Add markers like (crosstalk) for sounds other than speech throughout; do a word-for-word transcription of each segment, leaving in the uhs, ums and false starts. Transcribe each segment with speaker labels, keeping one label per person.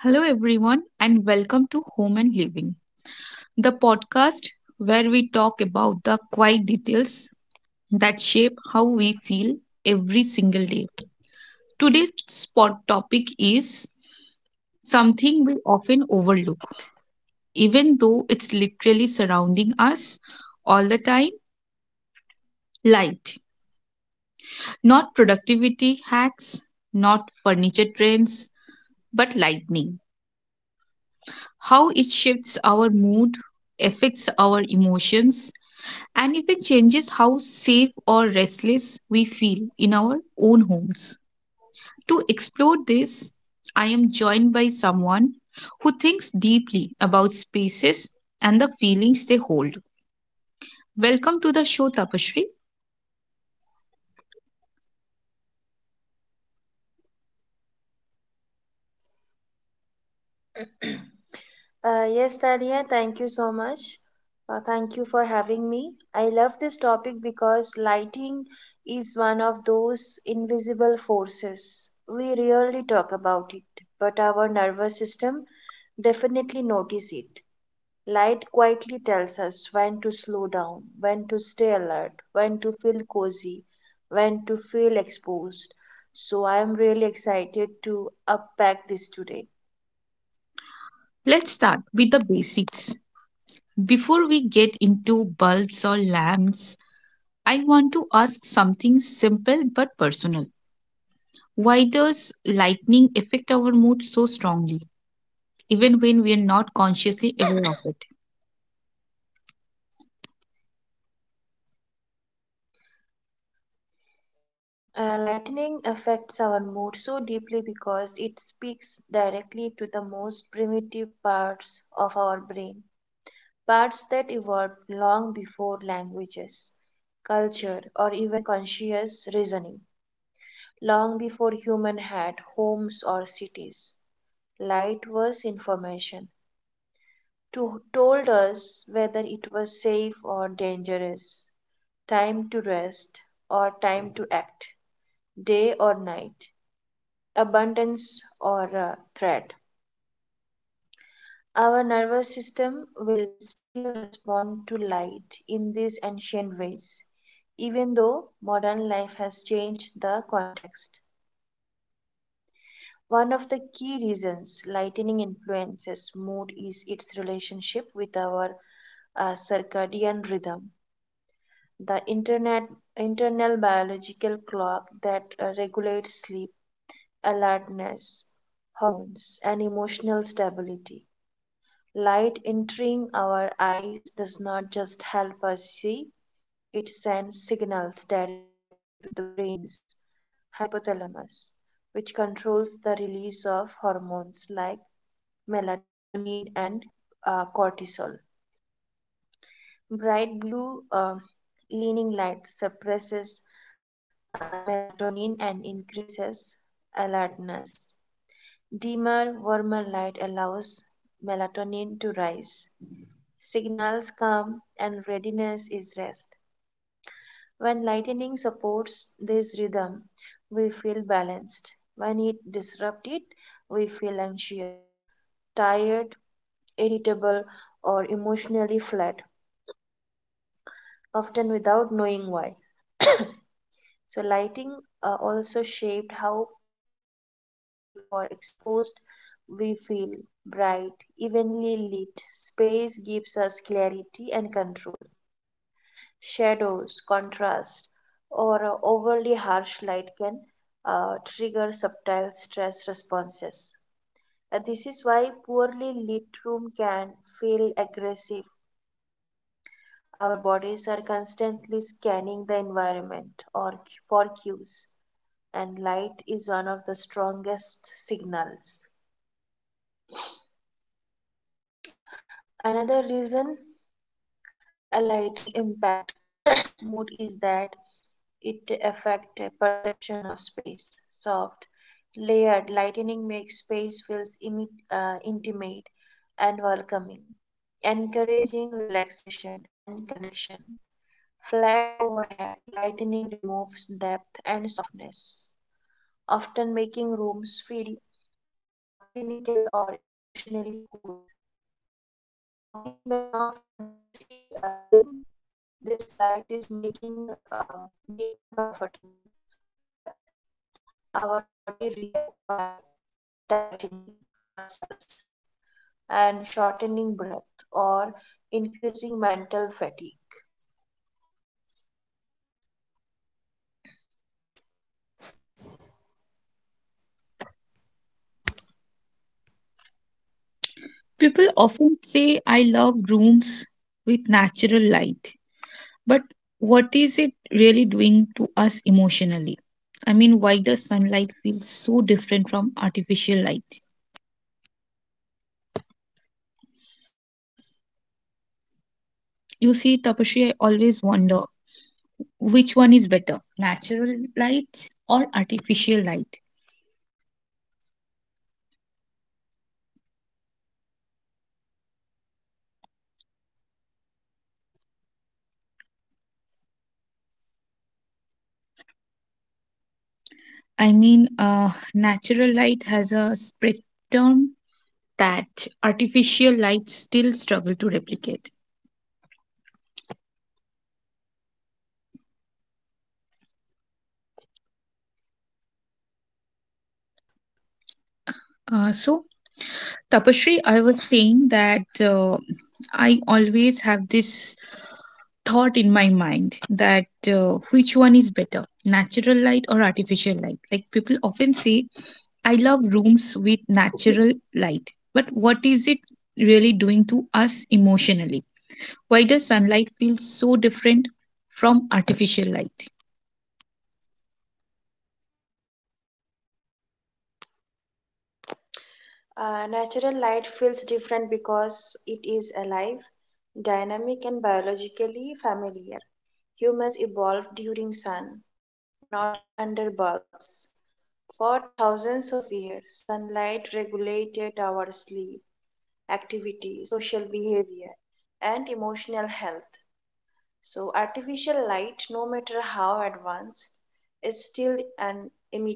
Speaker 1: Hello, everyone, and welcome to Home and Living, the podcast where we talk about the quiet details that shape how we feel every single day. Today's spot topic is something we often overlook, even though it's literally surrounding us all the time light. Not productivity hacks, not furniture trends, but lightning. How it shifts our mood, affects our emotions, and even changes how safe or restless we feel in our own homes. To explore this, I am joined by someone who thinks deeply about spaces and the feelings they hold. Welcome to the show, Tapashri.
Speaker 2: Uh, yes, Tania, thank you so much. Uh, thank you for having me. I love this topic because lighting is one of those invisible forces. We rarely talk about it, but our nervous system definitely notice it. Light quietly tells us when to slow down, when to stay alert, when to feel cozy, when to feel exposed. So I am really excited to unpack this today.
Speaker 1: Let's start with the basics. Before we get into bulbs or lamps, I want to ask something simple but personal. Why does lightning affect our mood so strongly, even when we are not consciously aware of it?
Speaker 2: Uh, lightning affects our mood so deeply because it speaks directly to the most primitive parts of our brain, parts that evolved long before languages, culture, or even conscious reasoning, long before human had homes or cities. Light was information, to, told us whether it was safe or dangerous, time to rest or time to act, day or night abundance, or a threat. Our nervous system will still respond to light in these ancient ways, even though modern life has changed the context. One of the key reasons lightning influences mood is its relationship with our uh, circadian rhythm, the internet, internal biological clock that uh, regulates sleep, alertness, hormones, and emotional stability. Light entering our eyes does not just help us see, it sends signals directly to the brain's hypothalamus, which controls the release of hormones like melatonin and uh, cortisol. Bright blue uh, leaning light suppresses uh, melatonin and increases alertness. Dimmer, warmer light allows melatonin to rise. Signals calm and readiness is rest. When lightning supports this rhythm, we feel balanced. When disrupts it, we feel anxious, tired, irritable, or emotionally flat, often without knowing why. So, lighting uh, also shaped how uh, safe or exposed we feel. Bright, evenly lit space gives us clarity and control. Shadows, contrast, or uh, overly harsh light can uh, trigger subtle stress responses. Uh, this is why poorly lit room can feel aggressive. Our bodies are constantly scanning the environment or c- for cues, and light is one of the strongest signals. Another reason a lighting impact (coughs) (clears throat) mood is that it affect perception of space soft layered lighting makes space feels imi- uh, intimate and welcoming, encouraging relaxation and connection. Flat overhead lighting removes depth and softness, often making rooms feel uh, clinical or emotionally cold. Uh, we may not consciously uh, think this light is making uh, me uncomfortable, but our body react by tightening muscles and shortening breath or increasing mental fatigue.
Speaker 1: People often say, I love rooms with natural light. But what is it really doing to us emotionally? I mean, why does sunlight feel so different from artificial light? You see, Tapashri, I always wonder which one is better, natural light or artificial light? I mean, uh, natural light has a spectrum that artificial lights still struggle to replicate. Uh, so, Tapashri, I was saying that uh, I always have this thought in my mind that uh, which one is better, natural light or artificial light? Like people often say, I love rooms with natural light, but what is it really doing to us emotionally? Why does sunlight feel so different from artificial light?
Speaker 2: Uh, natural light feels different because it is alive, dynamic, and biologically familiar. Humans evolved during sun, not under bulbs. For thousands of years, sunlight regulated our sleep, activity, social behavior, and emotional health. So, artificial light, no matter how advanced, is still an imitation.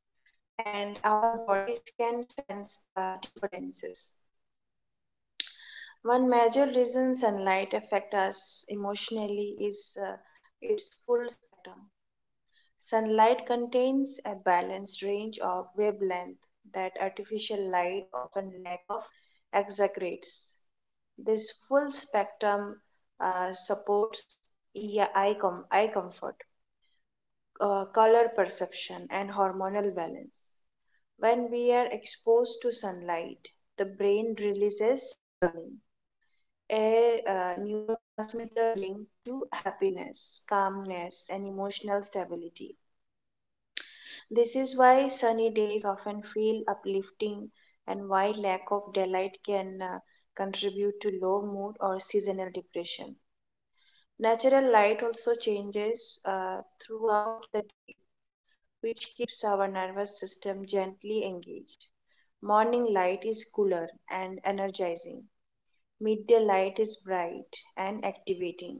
Speaker 2: And our bodies can sense the differences. One major reason sunlight affects us emotionally is uh, its full spectrum. Sunlight contains a balanced range of wavelength that artificial light often lack of exaggerates. This full spectrum uh, supports eye, eye com- eye comfort, uh, color perception, and hormonal balance. When we are exposed to sunlight, the brain releases serotonin, a uh, neurotransmitter linked to happiness, calmness, and emotional stability. This is why sunny days often feel uplifting and why lack of daylight can uh, contribute to low mood or seasonal depression. Natural light also changes uh, throughout the day, which keeps our nervous system gently engaged. Morning light is cooler and energizing. Midday light is bright and activating.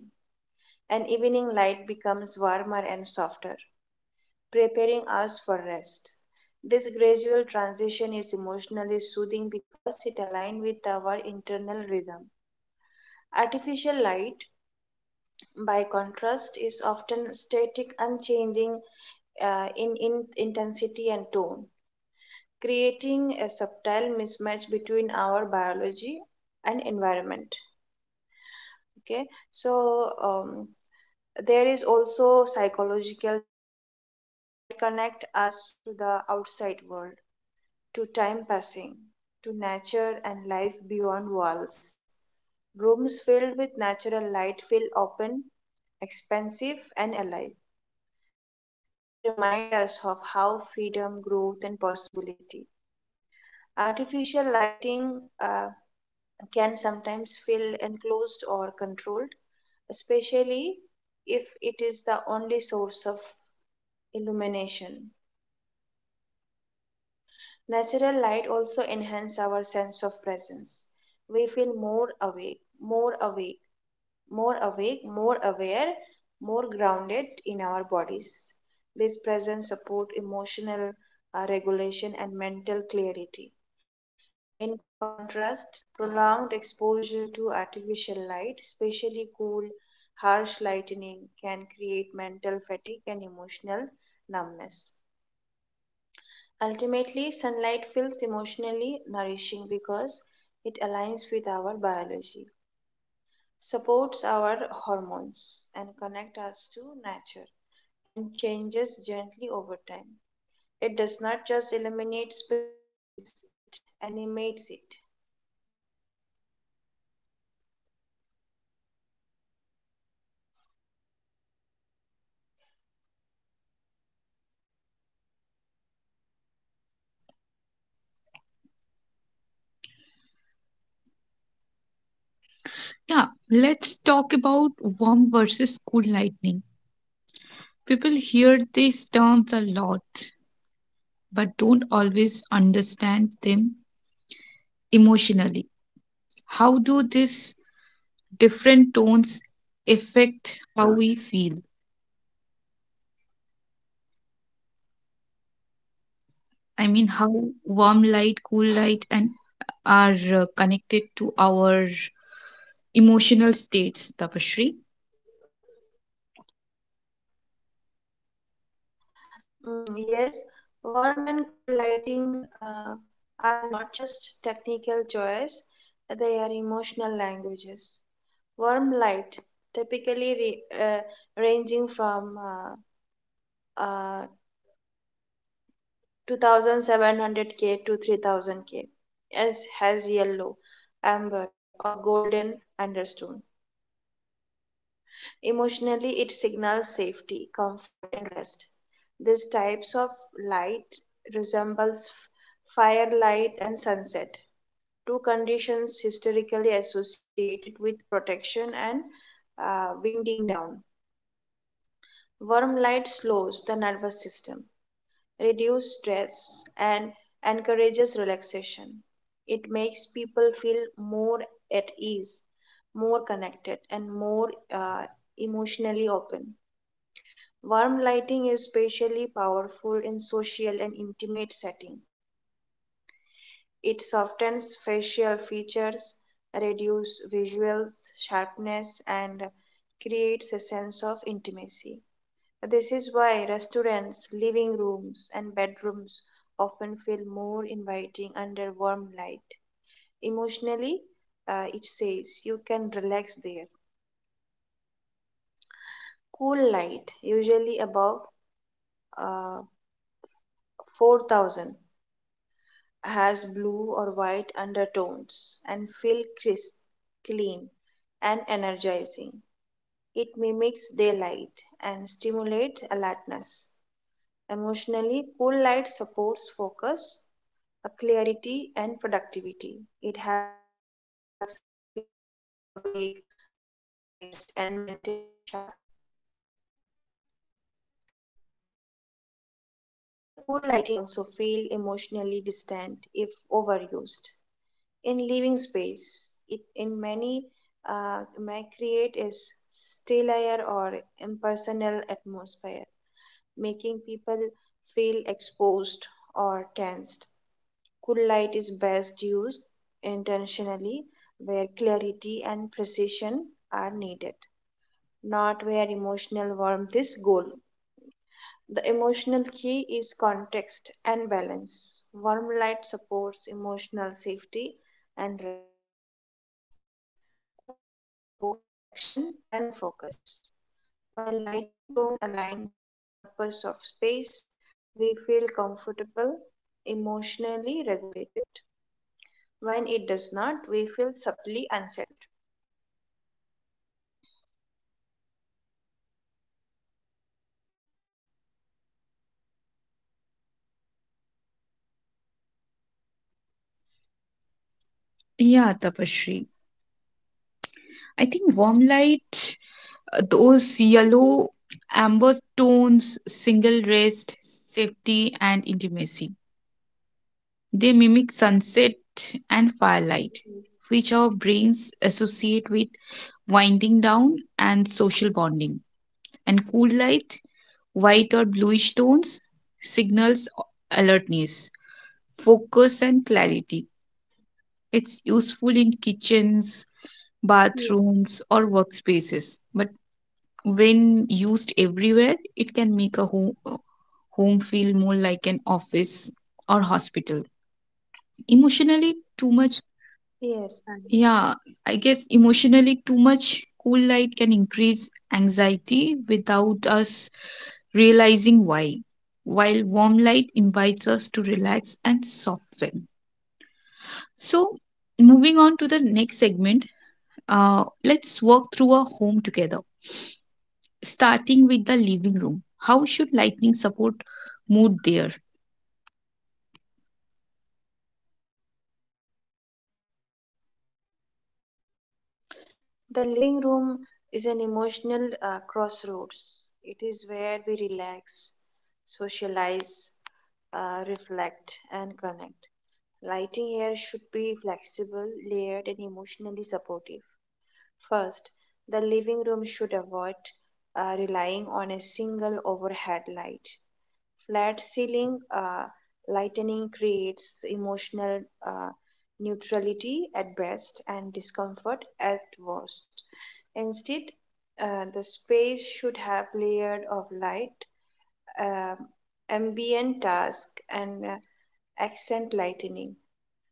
Speaker 2: And evening light becomes warmer and softer, preparing us for rest. This gradual transition is emotionally soothing because it aligns with our internal rhythm. Artificial light, by contrast, is often static, unchanging uh, in, in intensity and tone, creating a subtle mismatch between our biology environment. Okay, so um, there is also psychological dimension, connect us to the outside world, to time passing, to nature and life beyond walls. Rooms filled with natural light feel open, expansive, and alive. They remind us of how freedom growth and possibility artificial lighting uh, can sometimes feel enclosed or controlled, especially if it is the only source of illumination. Natural light also enhances our sense of presence. We feel awake, more awake, more awake, more aware, more grounded in our bodies. This presence support emotional uh, regulation and mental clarity. In contrast, prolonged exposure to artificial light, especially cool, harsh lightning, can create mental fatigue and emotional numbness. Ultimately, sunlight feels emotionally nourishing because it aligns with our biology, supports our hormones, and connects us to nature, and changes gently over time. It does not just eliminate space, it animates it.
Speaker 1: Yeah, let's talk about warm versus cool lightning. People hear these terms a lot, but don't always understand them emotionally. How do these different tones affect how we feel? I mean, how warm light, cool light, and are uh, connected to our emotional states, Tapashri.
Speaker 2: Mm, yes, warm and cool lighting uh, are not just technical joys, they are emotional languages. Warm light, typically re- uh, ranging from uh, uh, two thousand seven hundred K to three thousand K, as has yellow, amber, or golden undertone. Emotionally, it signals safety, comfort, and rest. These types of light resembles f- firelight and sunset, two conditions historically associated with protection and uh, winding down. Warm light slows the nervous system, reduces stress, and encourages relaxation. It makes people feel more at ease, more connected, and more uh, emotionally open. Warm lighting is especially powerful in social and intimate setting. It softens facial features, reduces visual sharpness, and creates a sense of intimacy. This is why restaurants, living rooms, and bedrooms often feel more inviting under warm light. Emotionally, uh, it says you can relax there. Cool light, usually above uh, four thousand has blue or white undertones and feel crisp, clean, and energizing. It mimics daylight and stimulates alertness. Emotionally, cool light supports focus, a clarity, and productivity. It helps us feel awake, organized, and mentally sharp. However, cool lighting can also feel emotionally distant if overused in living space. It in many uh, may create is still air or impersonal atmosphere, making people feel exposed or tensed. Cool light is best used intentionally where clarity and precision are needed, not where emotional warmth is goal. The emotional key is context and balance. Warm light supports emotional safety and rest. Cool light supports action and focus. While lighting tone align with the purpose of space, we feel comfortable, emotionally regulated. When it does not, we feel subtly unsettled.
Speaker 1: Yeah, Tapashri. I think warm light, uh, those yellow amber tones, single rest, safety, and intimacy. They mimic sunset and firelight, which our brains associate with winding down and social bonding. And cool light, white or bluish tones, signals alertness, focus, and clarity. It's useful in kitchens, bathrooms,
Speaker 2: Yes,
Speaker 1: or workspaces. But when used everywhere, it can make a home, home feel more like an office or hospital. Emotionally, too much.
Speaker 2: yes, I
Speaker 1: Yeah,
Speaker 2: know.
Speaker 1: I guess emotionally too much cool light can increase anxiety without us realizing why, while warm light invites us to relax and soften. So, moving on to the next segment, uh, let's work through a home together, starting with the living room. How should lightning support mood there?
Speaker 2: The living room is an emotional uh, crossroads. It is where we relax, socialize, uh, reflect, and connect. Lighting here should be flexible, layered, and emotionally supportive. First, the living room should avoid uh, relying on a single overhead light. Flat ceiling uh, lightening creates emotional uh, neutrality at best and discomfort at worst. Instead, uh, the space should have layered of light, um ambient task, and uh, accent lightening.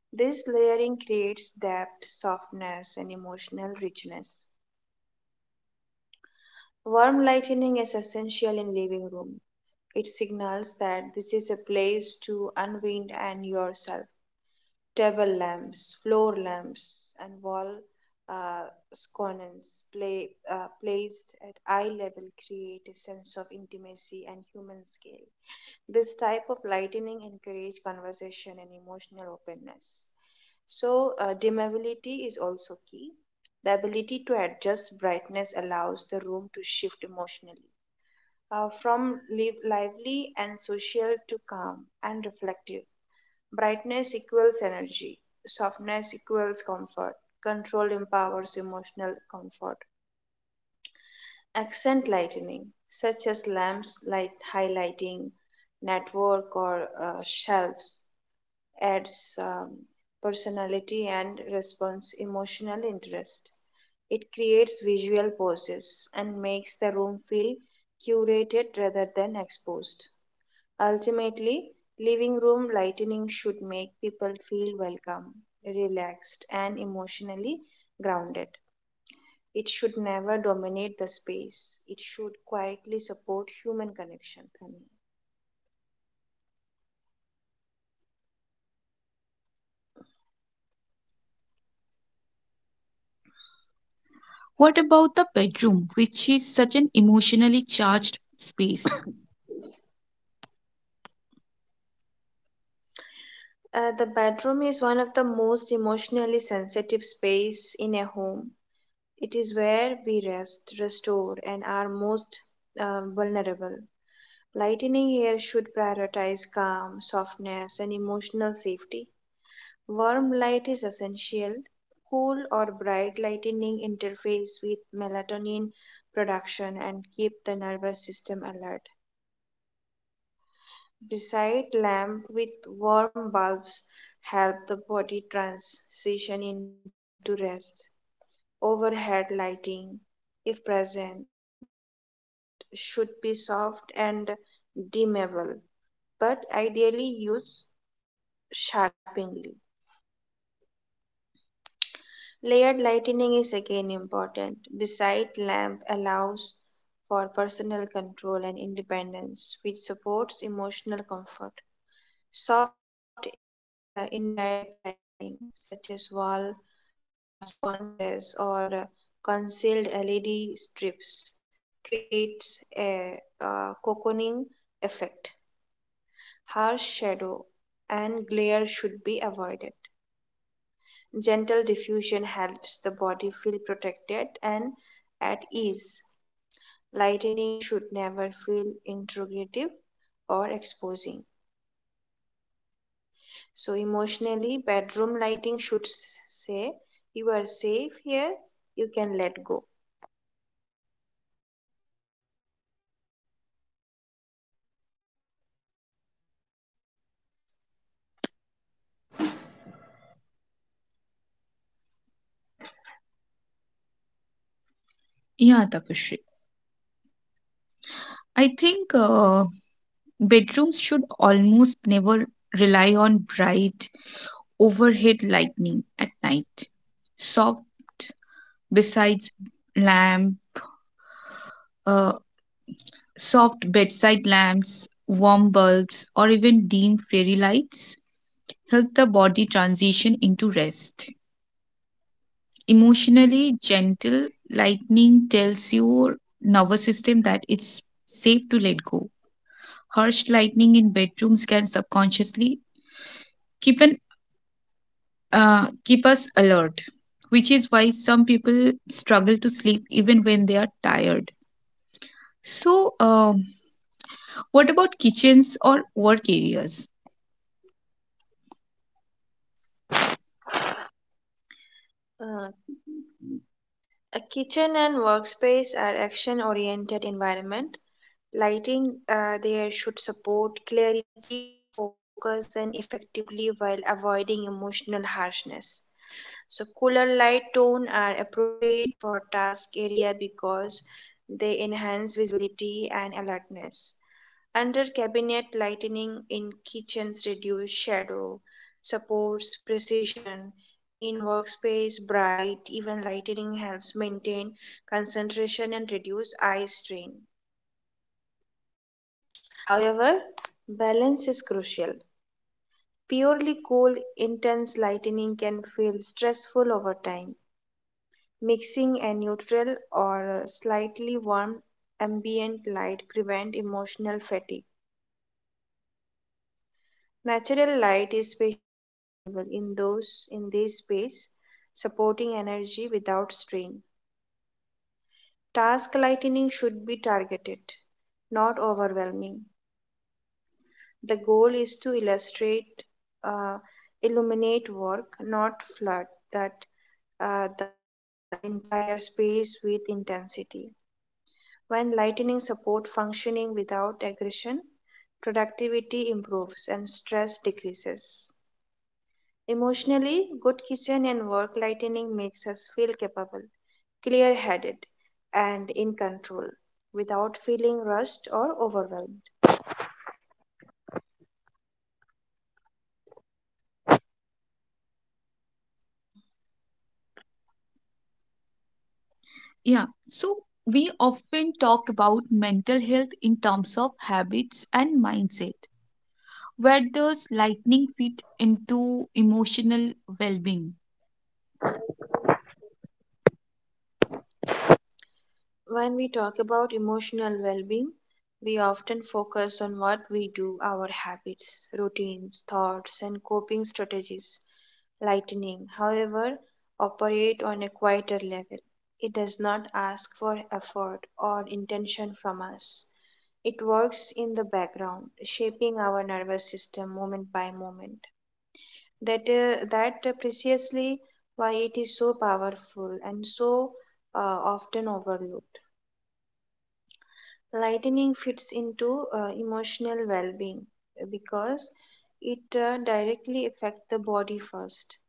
Speaker 2: This layering creates depth, softness, and emotional richness. Warm lightening is essential in living room. It signals that this is a place to unwind and yourself. Table lamps, floor lamps, and wall uh, sconces play, uh, placed at eye level create a sense of intimacy and human scale. This type of lightening encourages conversation and emotional openness. So, uh, dimmability is also key. The ability to adjust brightness allows the room to shift emotionally uh, from live lively and social to calm and reflective. Brightness equals energy, softness equals comfort, control empowers emotional comfort. Accent lightening, such as lamps light highlighting network or uh, shelves, adds um, personality and response emotional interest. It creates visual poses and makes the room feel curated rather than exposed. Ultimately, living room lightening should make people feel welcome, relaxed, and emotionally grounded. It should never dominate the space. It should quietly support human connection.
Speaker 1: What about the bedroom, which is such an emotionally charged space?
Speaker 2: Uh, the bedroom is one of the most emotionally sensitive space in a home. It is where we rest, restore, and are most uh, vulnerable. Lightening here should prioritize calm, softness, and emotional safety. Warm light is essential. Cool or bright lightening interface with melatonin production and keep the nervous system alert. Beside lamp with warm bulbs help the body transition into rest. Overhead lighting, if present, should be soft and dimmable, but ideally used sharply. Layered lighting is again important. Beside lamp allows for personal control and independence, which supports emotional comfort. Soft uh, indirect lighting, such as wall uh, sconces or uh, concealed L E D strips, creates a uh, cocooning effect. Harsh shadow and glare should be avoided. Gentle diffusion helps the body feel protected and at ease. Lightening should never feel intrusive or exposing. So emotionally, bedroom lighting should s- say, you are safe here, you can let go.
Speaker 1: Yeah, Tapashri. I think. Uh, Bedrooms should almost never rely on bright overhead lighting at night. Soft besides lamp, uh, soft bedside lamps, warm bulbs, or even dim fairy lights help the body transition into rest. Emotionally gentle lightning tells your nervous system that it's safe to let go. Harsh lightning in bedrooms can subconsciously keep an uh, keep us alert, which is why some people struggle to sleep even when they are tired. So, um, what about kitchens or work areas?
Speaker 2: Uh, a kitchen and workspace are action oriented environment. Lighting uh, there should support clarity, focus, and effectively while avoiding emotional harshness. So, cooler light tone are appropriate for task area because they enhance visibility and alertness. Under cabinet lighting in kitchens reduce shadow, supports precision. In workspace, bright, even lighting helps maintain concentration and reduce eye strain. However, balance is crucial. Purely cool, intense lighting can feel stressful over time. Mixing a neutral or slightly warm ambient light prevents emotional fatigue. Natural light is especially valuable in those in this space, supporting energy without strain. Task lightening should be targeted, not overwhelming. The goal is to illustrate, uh, illuminate work, not flood that uh, the entire space with intensity. When lightening support functioning without aggression, productivity improves and stress decreases. Emotionally, good kitchen and work lightning makes us feel capable, clear headed, and in control without feeling rushed or overwhelmed.
Speaker 1: Yeah, so we often talk about mental health in terms of habits and mindset. Where does lightning fit into emotional well being?
Speaker 2: When we talk about emotional well being, we often focus on what we do, our habits, routines, thoughts, and coping strategies. Lightning, however, operate on a quieter level. It does not ask for effort or intention from us. It works in the background, our nervous system moment by moment. That, uh, that precisely why it is so powerful and so uh, often overlooked. Lightening fits into uh, emotional well-being uh, because it uh, directly affects the body first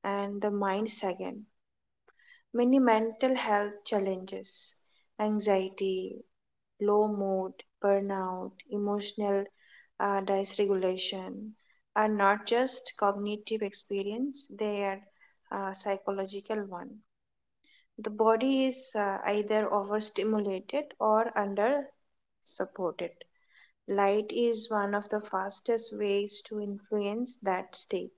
Speaker 2: and the mind second, many mental health challenges, anxiety, low mood, burnout, emotional uh, dysregulation are not just cognitive experience, they are uh, psychological one. The body is uh, either overstimulated or under supported. Light is one of the fastest ways to influence that state.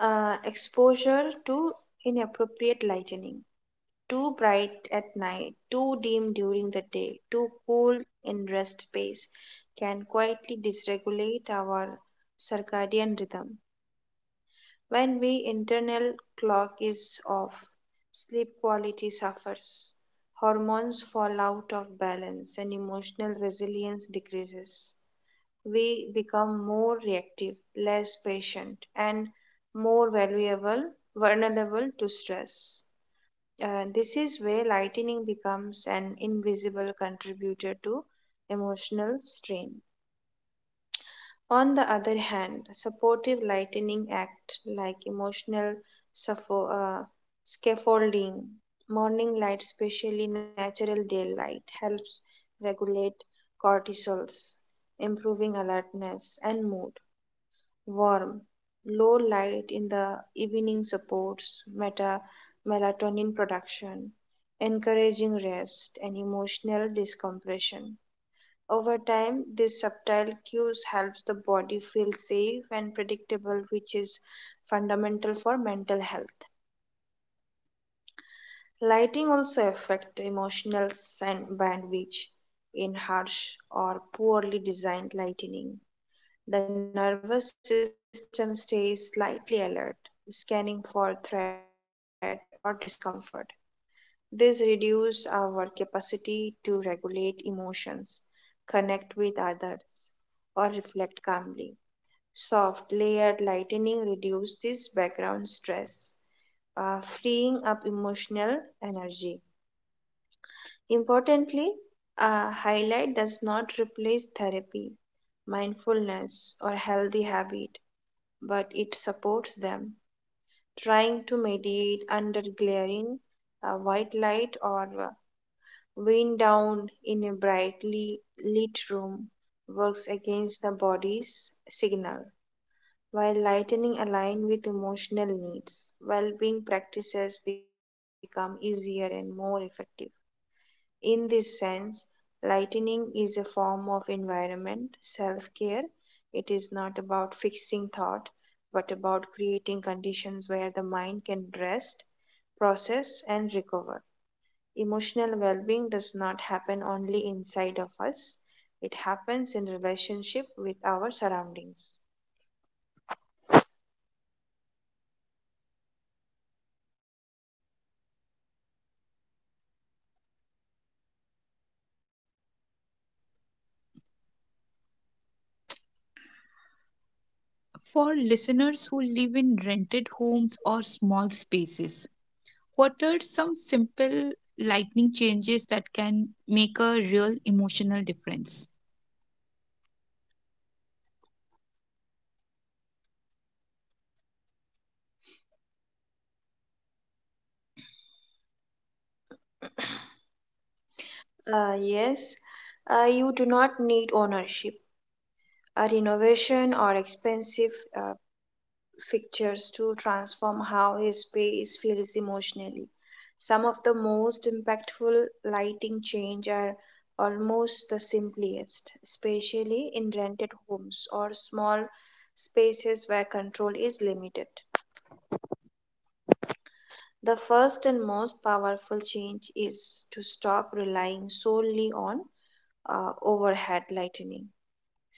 Speaker 2: Uh, exposure to inappropriate lightening. Too bright at night, too dim during the day, too cool in rest space can quietly dysregulate our circadian rhythm. When we internal clock is off, sleep quality suffers, hormones fall out of balance, and emotional resilience decreases. We become more reactive, less patient, and more valuable, vulnerable to stress. Uh, this is where lightening becomes an invisible contributor to emotional strain. On the other hand, supportive lightening act like emotional suffo- uh, scaffolding, morning light, especially natural daylight, helps regulate cortisols, improving alertness and mood. Warm, low light in the evening supports meta melatonin production, encouraging rest and emotional decompression. Over time, these subtle cues helps the body feel safe and predictable, which is fundamental for mental health. Lighting also affect emotional san- bandwidth in harsh or poorly designed lightning. The nervous system stays slightly alert, scanning for threat or discomfort. This reduces our capacity to regulate emotions, connect with others, or reflect calmly. Soft layered lightening reduces this background stress, uh, freeing up emotional energy. Importantly, a highlight does not replace therapy, mindfulness, or healthy habit, but it supports them. Trying to mediate under glaring uh, white light or uh, wind down in a brightly lit room works against the body's signal. While lightening align with emotional needs, well-being practices become easier and more effective. In this sense, lightening is a form of environment self care. It is not about fixing thought, but about creating conditions where the mind can rest, process, and recover. Emotional well being does not happen only inside of us, it happens in relationship with our surroundings.
Speaker 1: For listeners who live in rented homes or small spaces, what are some simple lightning changes that can make a real emotional difference?
Speaker 2: Uh, yes, uh, you do not need ownership. A renovation or expensive uh, fixtures to transform how his space feels emotionally. Some of the most impactful lighting change are almost the simplest, especially in rented homes small spaces where control is limited. The first and most powerful change is to stop relying solely on uh, overhead lightning.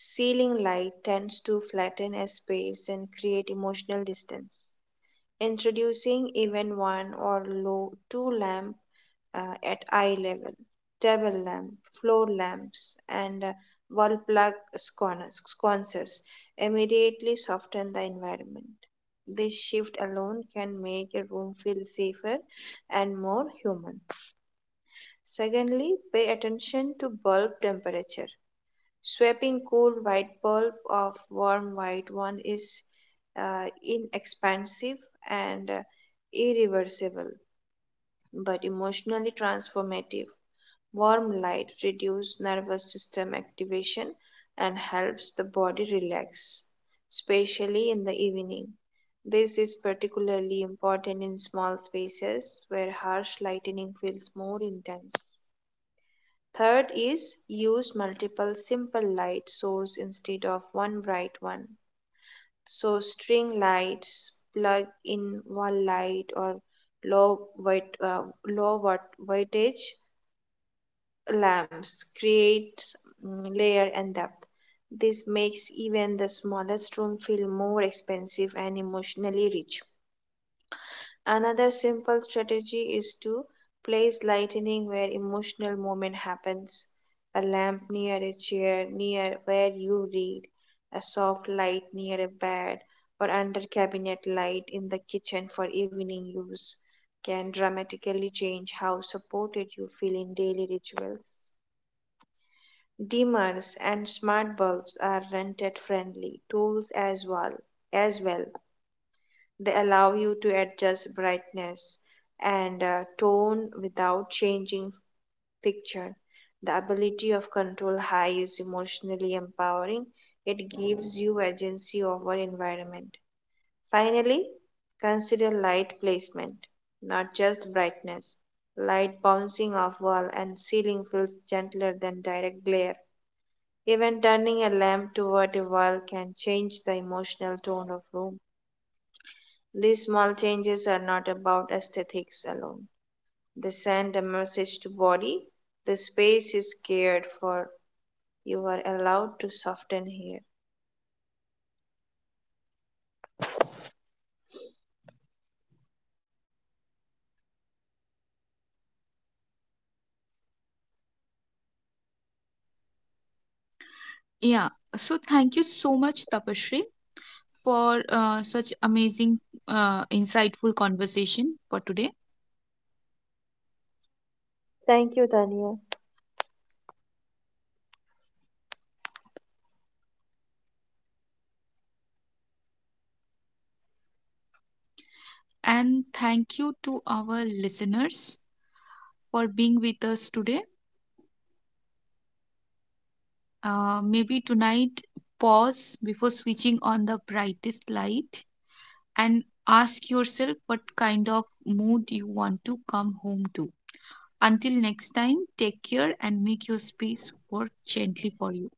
Speaker 2: Ceiling light tends to flatten a space and create emotional distance. Introducing even one or low two lamp uh, at eye level, table lamp, floor lamps, and uh, wall plug sconces, sconces immediately soften the environment. This shift alone can make a room feel safer and more human. Secondly, pay attention to bulb temperature. Swapping cool white bulb of warm white one is uh, inexpensive and uh, irreversible, but emotionally transformative. Warm light reduces nervous system activation and helps the body relax, especially in the evening. This is particularly important in small spaces where harsh lighting feels more intense. Third is use multiple simple light source instead of one bright one. So string lights, plug in one light or low white, uh, low watt wattage lamps creates mm, layer and depth. This makes even the smallest room feel more expensive and emotionally rich. Another simple strategy is to place lightning where emotional moment happens. A lamp near a chair, near where you read, a soft light near a bed, or under cabinet light in the kitchen for evening use can dramatically change how supported you feel in daily rituals. Dimmers and smart bulbs are rented friendly tools as well as well they allow you to adjust brightness and uh, tone without changing picture. The ability of control high is emotionally empowering. It gives you agency over environment. Finally, consider light placement, not just brightness. Light bouncing off wall and ceiling feels gentler than direct glare. Even turning a lamp toward a wall can change the emotional tone of room. These small changes are not about aesthetics alone. They send a message to body. The space is cared for. You are allowed to soften here.
Speaker 1: Yeah. So thank you so much, Tapashri, for uh, such amazing, uh, insightful conversation for today.
Speaker 2: Thank you, Tania.
Speaker 1: And thank you to our listeners for being with us today. Uh, maybe tonight, pause before switching on the brightest light and ask yourself what kind of mood you want to come home to. Until next time, take care and make your space work gently for you.